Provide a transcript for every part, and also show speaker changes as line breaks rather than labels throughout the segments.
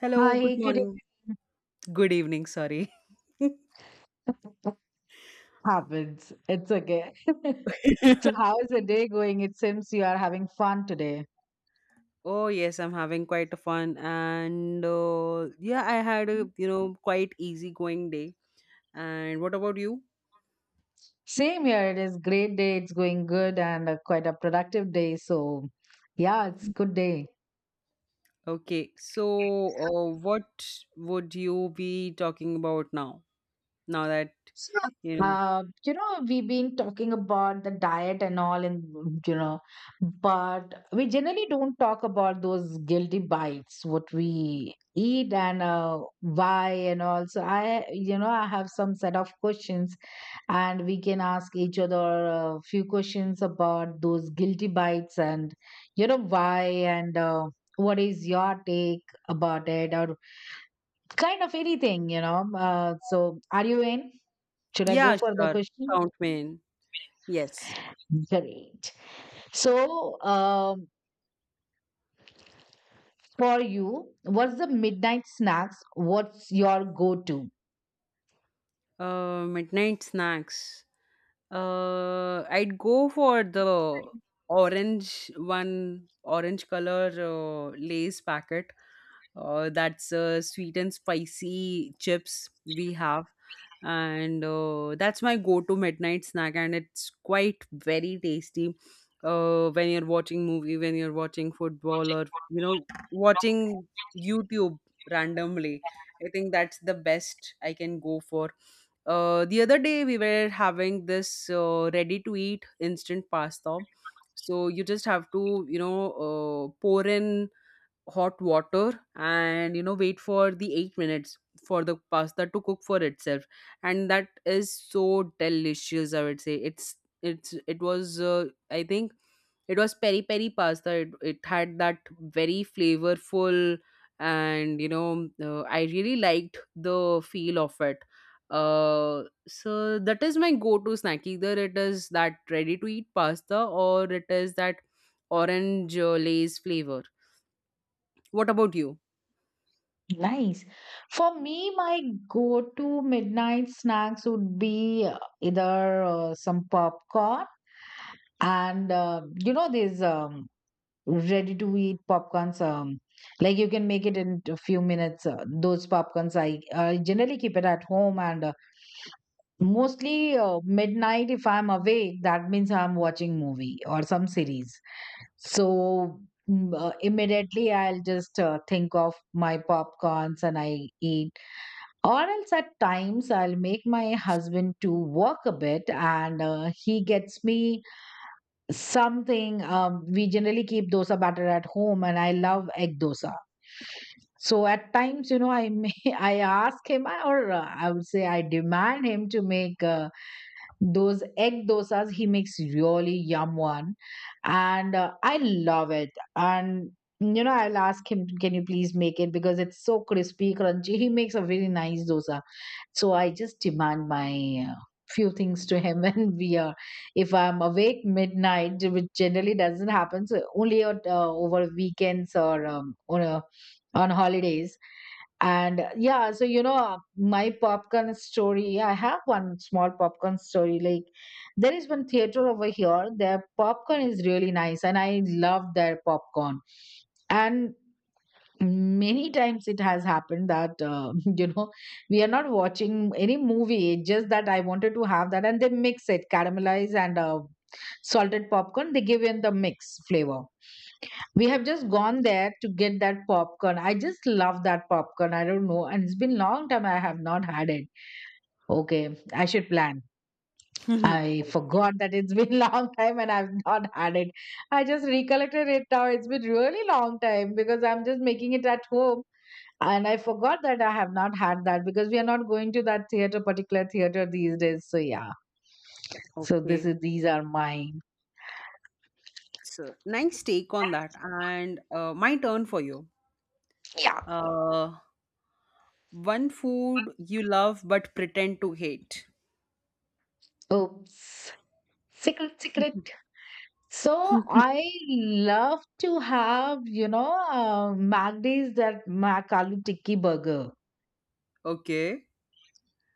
Hello, good
Hi, good
morning. Good evening, sorry.
evening. Happens. It's okay. So, how is the day going? It seems you are having fun today.
Oh yes, I'm having quite a fun and yeah, I had a quite easygoing day. And what about you?
Same here. It is great day. It's going good and quite a productive day. So, yeah, it's good day.
Okay, so what would you be talking about now? Now that
So,
you know,
uh, you know, we've been talking about the diet and all, and you know, but we generally don't talk about those guilty bites, what we eat and why and all. So, I have some set of questions and we can ask each other a few questions about those guilty bites and you know why and what is your take about it or kind of anything you know so are you in should I go
yeah,
for the
sure,
question.
count me in. Yes.
Great. So for you what's the midnight snacks, what's your go-to?
Midnight snacks. I'd go for the orange one, orange color Lay's packet. That's sweet and spicy chips we have, and that's my go-to midnight snack, and it's quite very tasty. When you're watching movie, when you're watching football, or watching YouTube randomly, I think that's the best I can go for the other day we were having this ready to eat instant pasta. So you just have to, pour in hot water and wait for the 8 minutes for the pasta to cook for itself, and that is so delicious. I would say it's it was I think it was peri peri pasta. It had that very flavorful, and I really liked the feel of it. uh so that is my go to snack, either it is that ready to eat pasta or it is that orange lace flavor. What about you?
Nice. For me, my go-to midnight snacks would be either some popcorn and you know these ready-to-eat popcorns. Like you can make it in a few minutes. Those popcorns I generally keep it at home, and mostly midnight if I'm awake, that means I'm watching movie or some series. So. Immediately I'll just think of my popcorns and I eat, or else at times I'll make my husband to work a bit and he gets me something. We generally keep dosa batter at home and I love egg dosa. So at times, you know, I may, I ask him or I would say I demand him to make those egg dosas. He makes really yum one and I love it. And you know, I'll ask him, can you please make it because it's so crispy, crunchy. He makes a very nice dosa, so I just demand my few things to him and we are if I'm awake midnight, which generally doesn't happen, so only at, over weekends or on holidays. And yeah, so you know my popcorn story, I have one small popcorn story. Like there is one theater over here, their popcorn is really nice and I love their popcorn, and many times it has happened that you know we are not watching any movie, it's just that I wanted to have that, and they mix it caramelize and salted popcorn, they give in the mix flavor. We have just gone there to get that popcorn, I just love that popcorn, I don't know, and it's been long time I have not had it. Okay, I should plan.
Mhm.
I
O-
forgot that it's been long time and I've not had it. I just recollected it now. It's been really long time because I'm just making it at home, and I forgot that I have not had that because we are not going to that theater, particular theater these days. So yeah. So this
okay.
is, these are mine.
So nice take on that. And my turn for you.
Yeah.
Uh, One food you love but pretend to hate.
Oops. Secret, secret. So I love to have, you know, MacD's that Mac Aloo Tikki Burger.
Okay.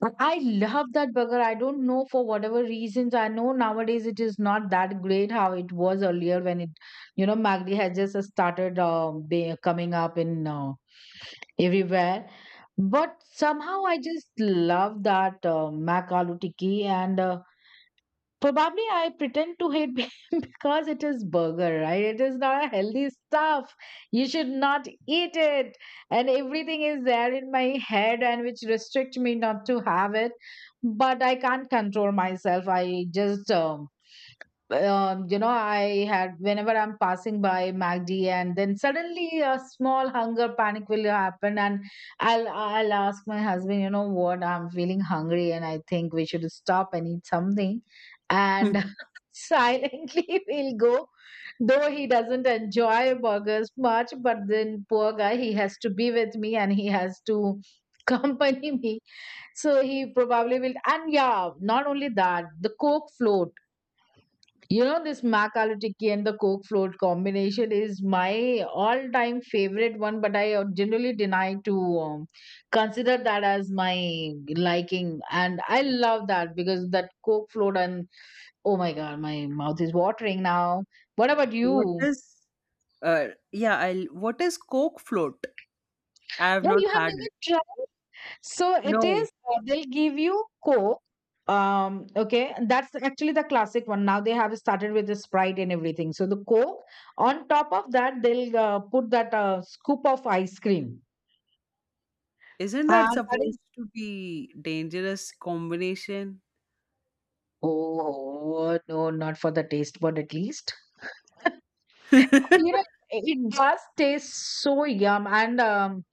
But I love that burger. I don't know for whatever reasons. I know nowadays it is not that great how it was earlier when it, you know, Magdi had just started coming up in everywhere. But somehow I just love that Mac Aloo Tikki and probably I pretend to hate because it is burger, right? It is not a healthy stuff. You should not eat it. And everything is there in my head and which restrict me not to have it. But I can't control myself. I just you know, I had whenever I'm passing by MACD, and then suddenly a small hunger panic will happen, and I'll ask my husband, you know what, I'm feeling hungry, and I think we should stop and eat something, and silently we'll go, though he doesn't enjoy burgers much, but then poor guy, he has to be with me, and he has to accompany me. So he probably will. And yeah, not only that, the Coke float, you know, this Mac Aloo Tikki and the Coke float combination is my all-time favorite one, but I generally deny to consider that as my liking. And I love that because that Coke float and oh my God, my mouth is watering now. What about
What
you?
is yeah, I'll, what is Coke float? I have
Yeah,
not
you have
had it.
never tried. So it
No.
is, they'll give you Coke. Okay, that's actually the classic one. Now they have started with the Sprite and everything. So the Coke, on top of that, they'll put that scoop of ice cream.
Isn't that
And that
supposed
is,
to be dangerous combination?
oh, no, not for the taste bud at least. You know, it does taste so yum. And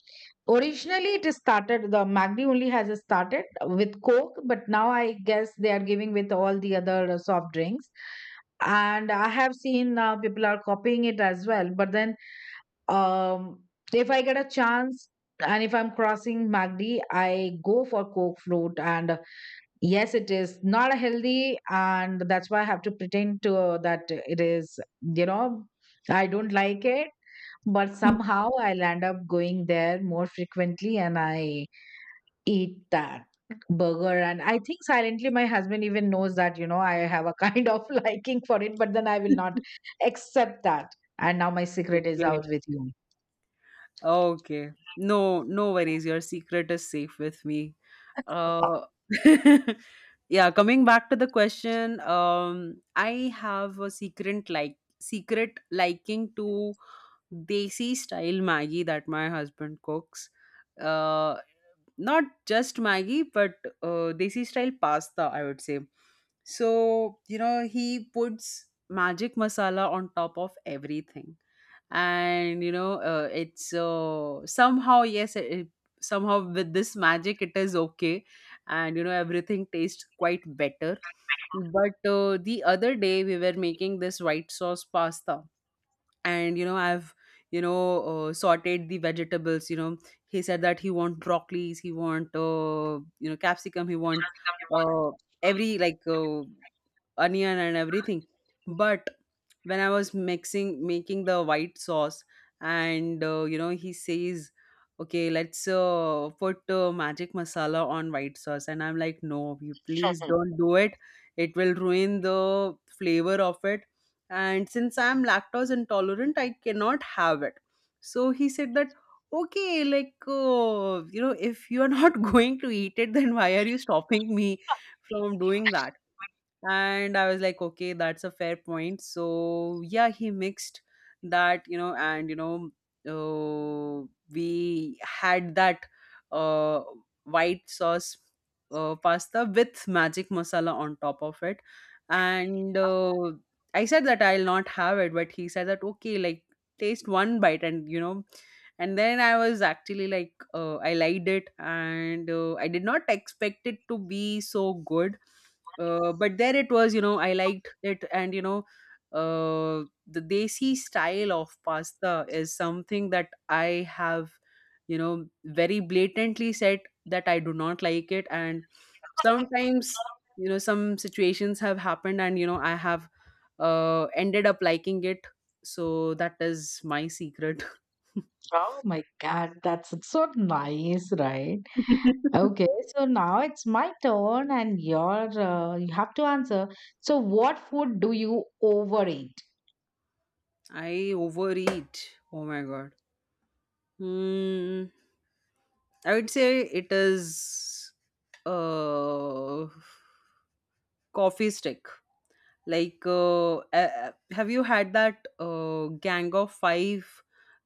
originally, it is started, the Magdi only has started with Coke, but now I guess they are giving with all the other soft drinks. And I have seen people are copying it as well. But then, um, if I get a chance and if I'm crossing Magdi, I go for Coke float. And yes, it is not healthy. And that's why I have to pretend to that it is, you know, I don't like it, but somehow I'll end up going there more frequently and I eat that burger. And I think silently my husband even knows that, you know, I have a kind of liking for it, but then I will not accept that. And now my secret is
Okay.
out with you.
Okay. No, no worries. Your secret is safe with me. Uh, yeah, coming back to the question, I have a secret, like, secret liking to desi style Maggi that my husband cooks. Uh, Not just Maggi, but desi style pasta, I would say. So, you know, he puts magic masala on top of everything, and it's somehow, yes, somehow with this magic it is okay, and you know everything tastes quite better. But the other day we were making this white sauce pasta, and you know I've, sauteed the vegetables. You know, he said that he want broccolis, he want, you know, capsicum, he want uh, every, onion and everything. But when I was mixing making the white sauce, and you know, he says, okay, let's put magic masala on white sauce. And I'm like, no, you please don't do it, it will ruin the flavor of it. And since I'm lactose intolerant, I cannot have it. So he said that, okay, like, you know, if you are not going to eat it, then why are you stopping me from doing that? And I was like, okay, that's a fair point. So yeah, he mixed that, you know, and uh, we had that uh, white sauce pasta with magic masala on top of it. And I said that I'll not have it, but he said that, okay, like, taste one bite, and you know. And then I was actually like, I liked it, and I did not expect it to be so good. But there it was, you know, I liked it, and you know, the desi style of pasta is something that I have, you know, very blatantly said that I do not like it, and sometimes, you know, some situations have happened, and you know, I have ended up liking it. So that is my secret.
Oh my God, that's so nice, right? Okay, so now it's my turn and your you have to answer. So, what food do you overeat?
I overeat. Oh my god. Hmm. I would say it is uh coffee stick. Have you had that Gang of Five?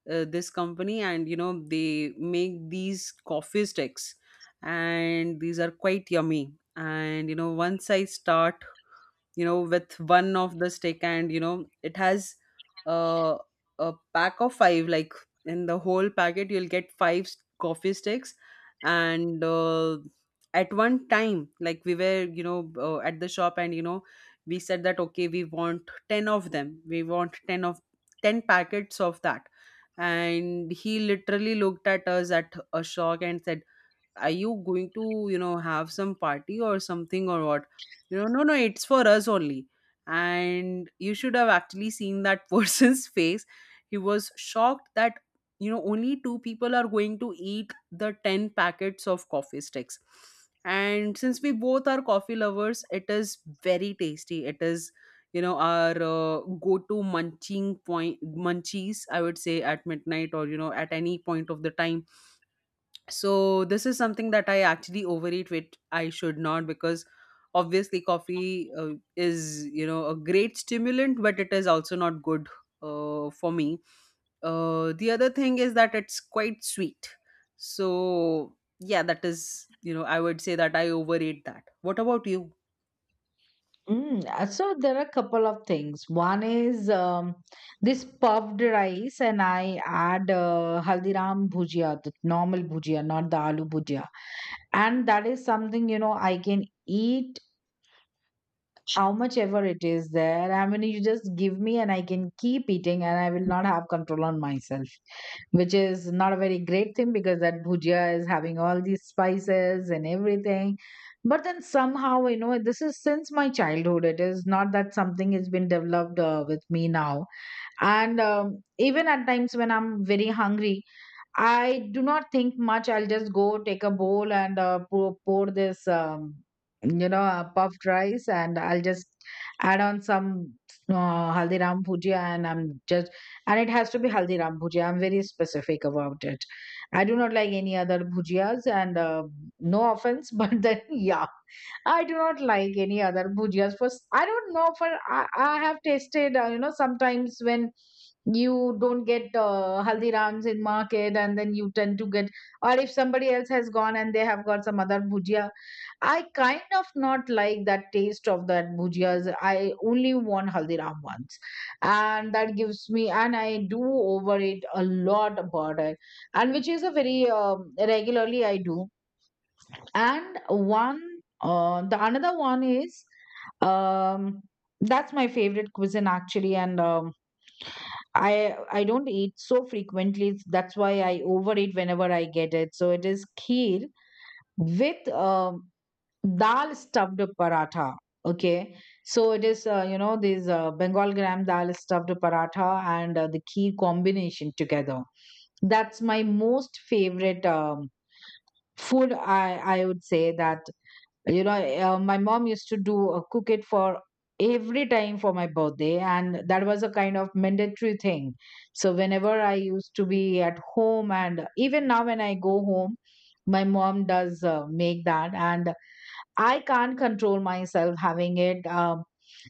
This company, and you know they make these coffee sticks, and these are quite yummy. And you know, once I start, you know, with one of the stick, and you know it has uh, a pack of five. Like, in the whole packet you'll get five coffee sticks. And at one time, like, we were, at the shop, and you know, we said that, okay, we want 10 of them, we want 10 packets of that. And he literally looked at us at a shock and said, are you going to, you know, have some party or something, or what? You know, no, no, it's for us only. And you should have actually seen that person's face. He was shocked that, you know, only two people are going to eat the 10 packets of coffee sticks. And since we both are coffee lovers, it is very tasty, it is, you know, our go to munching point munchies, I would say, at midnight or, you know, at any point of the time. So this is something that I actually overeat, which I should not, because obviously coffee is, you know, a great stimulant, but it is also not good for me. The other thing is that it's quite sweet. So yeah, that is, you know, I would say that I overate that. What about you?
So there are a couple of things. One is this puffed rice, and I add Haldiram bhujia, the normal bhujia, not the aloo bhujia. And that is something you know I can eat how much ever it is there. I mean, you just give me and I can keep eating and I will not have control on myself, which is not a very great thing because that bhujia is having all these spices and everything. But then somehow, you know, this is since my childhood. It is not that something has been developed with me now. And even at times when I'm very hungry, I do not think much. I'll just go take a bowl and pour this, puffed rice, and I'll just add on some haldiram bhujia, and I'm just, and it has to be haldiram bhujia. I'm very specific about it. I do not like any other bhujias, and no offense, but then yeah, I do not like any other bhujias. For I don't know for I have tasted, you know, sometimes when you don't get haldirams in market and then you tend to get, or if somebody else has gone and they have got some other bhujia, I kind of not like that taste of that bhujias, I only want haldiram ones, and that gives me and I do over it a lot about it, and which is a very regularly I do. And one the another one is um that's my favorite cuisine actually, and um, I don't eat so frequently. That's why I overeat whenever I get it. So it is kheer with dal stuffed paratha. Okay, so it is you know this Bengal gram dal stuffed paratha and the kheer combination together. That's my most favorite food. I would say that you know my mom used to do cook it for every time for my birthday and that was a kind of mandatory thing, so whenever I used to be at home, and even now when I go home, my mom does make that, and I can't control myself having it.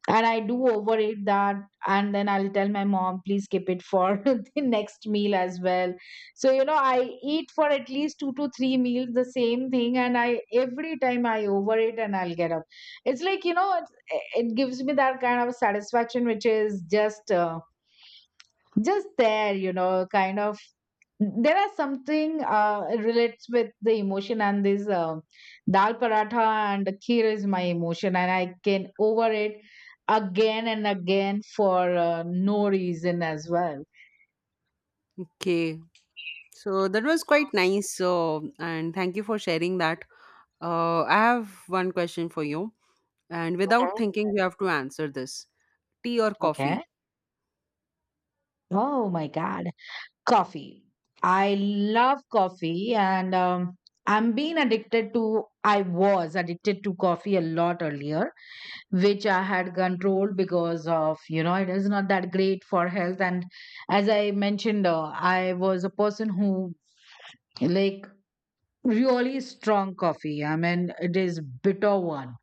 And I do overeat that, and then I'll tell my mom, please keep it for the next meal as well. So you know, I eat for at least two to three meals the same thing, and I every time I overeat and I'll get up. It's like you know, it gives me that kind of satisfaction, which is just. Just there, you know, kind of there are something relates with the emotion, and this dal paratha and kheer is my emotion, and I can over it again and again for no reason as well.
Okay, so that was quite nice. So, and thank you for sharing that. I have one question for you, and without
hmm
thinking, you have to answer this: tea or
Okay.
coffee?
Oh my God. Coffee. I love coffee and I'm being addicted to, I was addicted to coffee a lot earlier, which I had controlled because of, you know, it is not that great for health. And as I mentioned, I was a person who like really strong coffee. I mean, it is bitter one.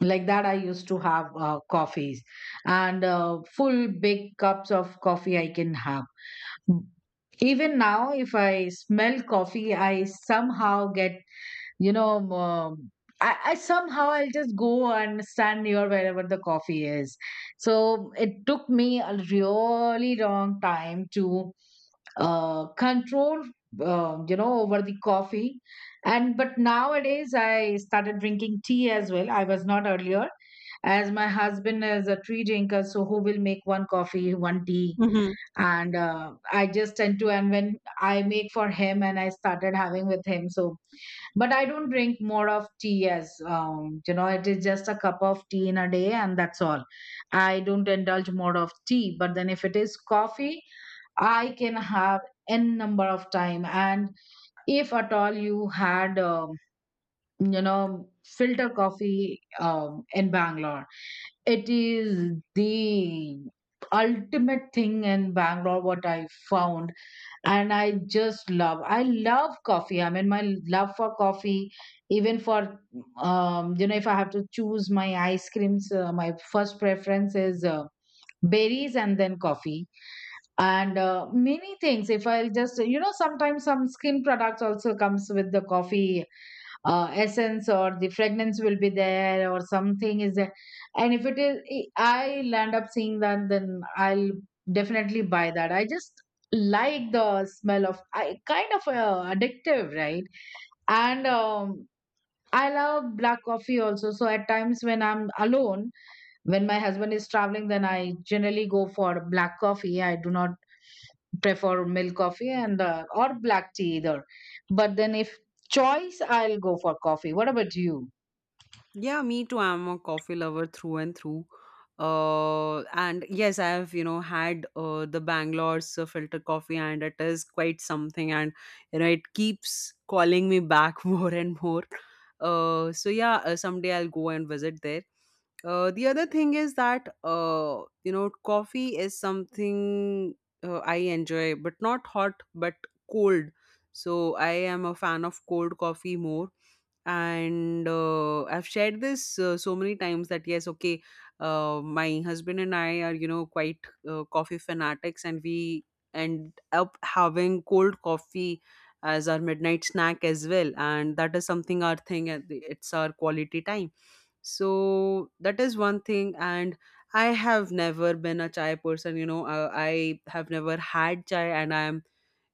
Like that, I used to have coffees and full big cups of coffee I can have. Even now, if I smell coffee, I somehow get you know I somehow I'll just go and stand near wherever the coffee is. So it took me a really long time to control you know over the coffee. And but nowadays I started drinking tea as well, I was not earlier, as my husband is a tea drinker, so who will make one coffee one tea,
Mhm.
and I just tend to, and when I make for him and I started having with him. So but I don't drink more of tea as you know it is just a cup of tea in a day, and that's all. I don't indulge more of tea, but then if it is coffee, I can have n number of time. And if at all you had you know filter coffee in Bangalore, it is the ultimate thing in Bangalore what I found. And I just love, I love coffee, I mean my love for coffee even for you know, if I have to choose my ice creams, my first preference is berries and then coffee. And many things, if I'll just you know sometimes some skin products also comes with the coffee essence or the fragrance will be there or something is there, and if it is I land up seeing that, then I'll definitely buy that. I just like the smell of, I kind of addictive, right? And I love black coffee also. So at times when I'm alone, when my husband is traveling, then I generally go for black coffee. I do not prefer milk coffee and or black tea either. But then if choice, I'll go for coffee. What about you?
Yeah, me too. I'm a coffee lover through and through. And yes, I have, you know, had the Bangalore's filter coffee, and it is quite something. And, you know, it keeps calling me back more and more. So, yeah, someday I'll go and visit there. The other thing is that you know, coffee is something I enjoy, but not hot, but cold. So I am a fan of cold coffee more. And I've shared this so many times, that yes, okay, my husband and I are, you know, quite coffee fanatics, and we end up having cold coffee as our midnight snack as well, and that is something, our thing. And it's our quality time. So that is one thing. And I have never been a chai person. You know, I have never had chai, and I'm,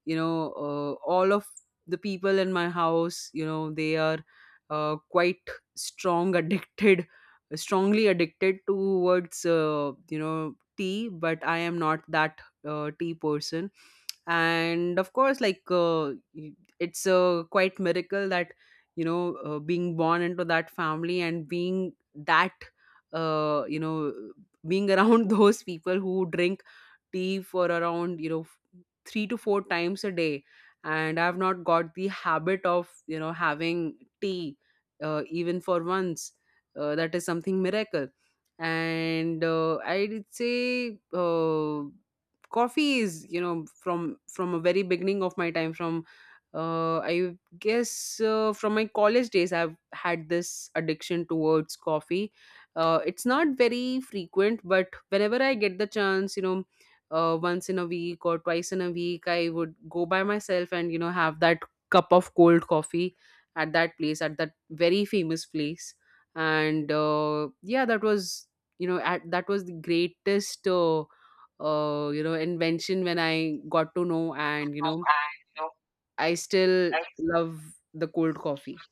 you know, all of the people in my house, you know, they are quite strong addicted strongly addicted towards, you know, tea. But I am not that tea person. And of course, it's a quite miracle that, you know, being born into that family, and being that, uh, you know being around those people who drink tea for around, you know, 3 to 4 times a day, and I've not got the habit of, you know, having tea even for once. That is something miracle. And I'd say, coffee is, you know, from a very beginning of my time, from, I guess, from my college days, I've had this addiction towards coffee. It's not very frequent, but whenever I get the chance, you know, once in a week or twice in a week, I would go by myself and you know have that cup of cold coffee at that place, at that very famous place. And yeah, that was, that was the greatest you know, invention, when I got to know. And you know, I still love the cold coffee.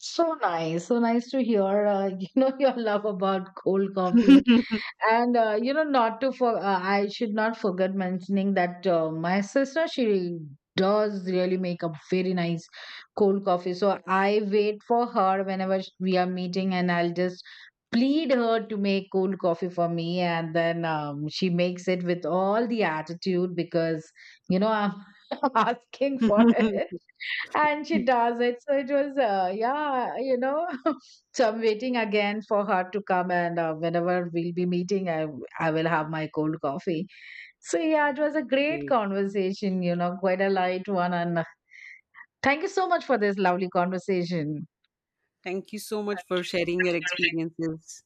So nice to hear. You know your love about cold coffee, and you know not to for. I should not forget mentioning that my sister, she does really make a very nice cold coffee. So I wait for her whenever we are meeting, and I'll just plead her to make cold coffee for me, and then she makes it with all the attitude because you know I'm asking for it. And she does it, so it was yeah you know so I'm waiting again for her to come, and whenever we'll be meeting I will have my cold coffee. So yeah, it was a great
Okay.
conversation, you know, quite a light one, and thank you so much for this lovely conversation.
Thank you so much
Thank
for sharing your
you.
experiences.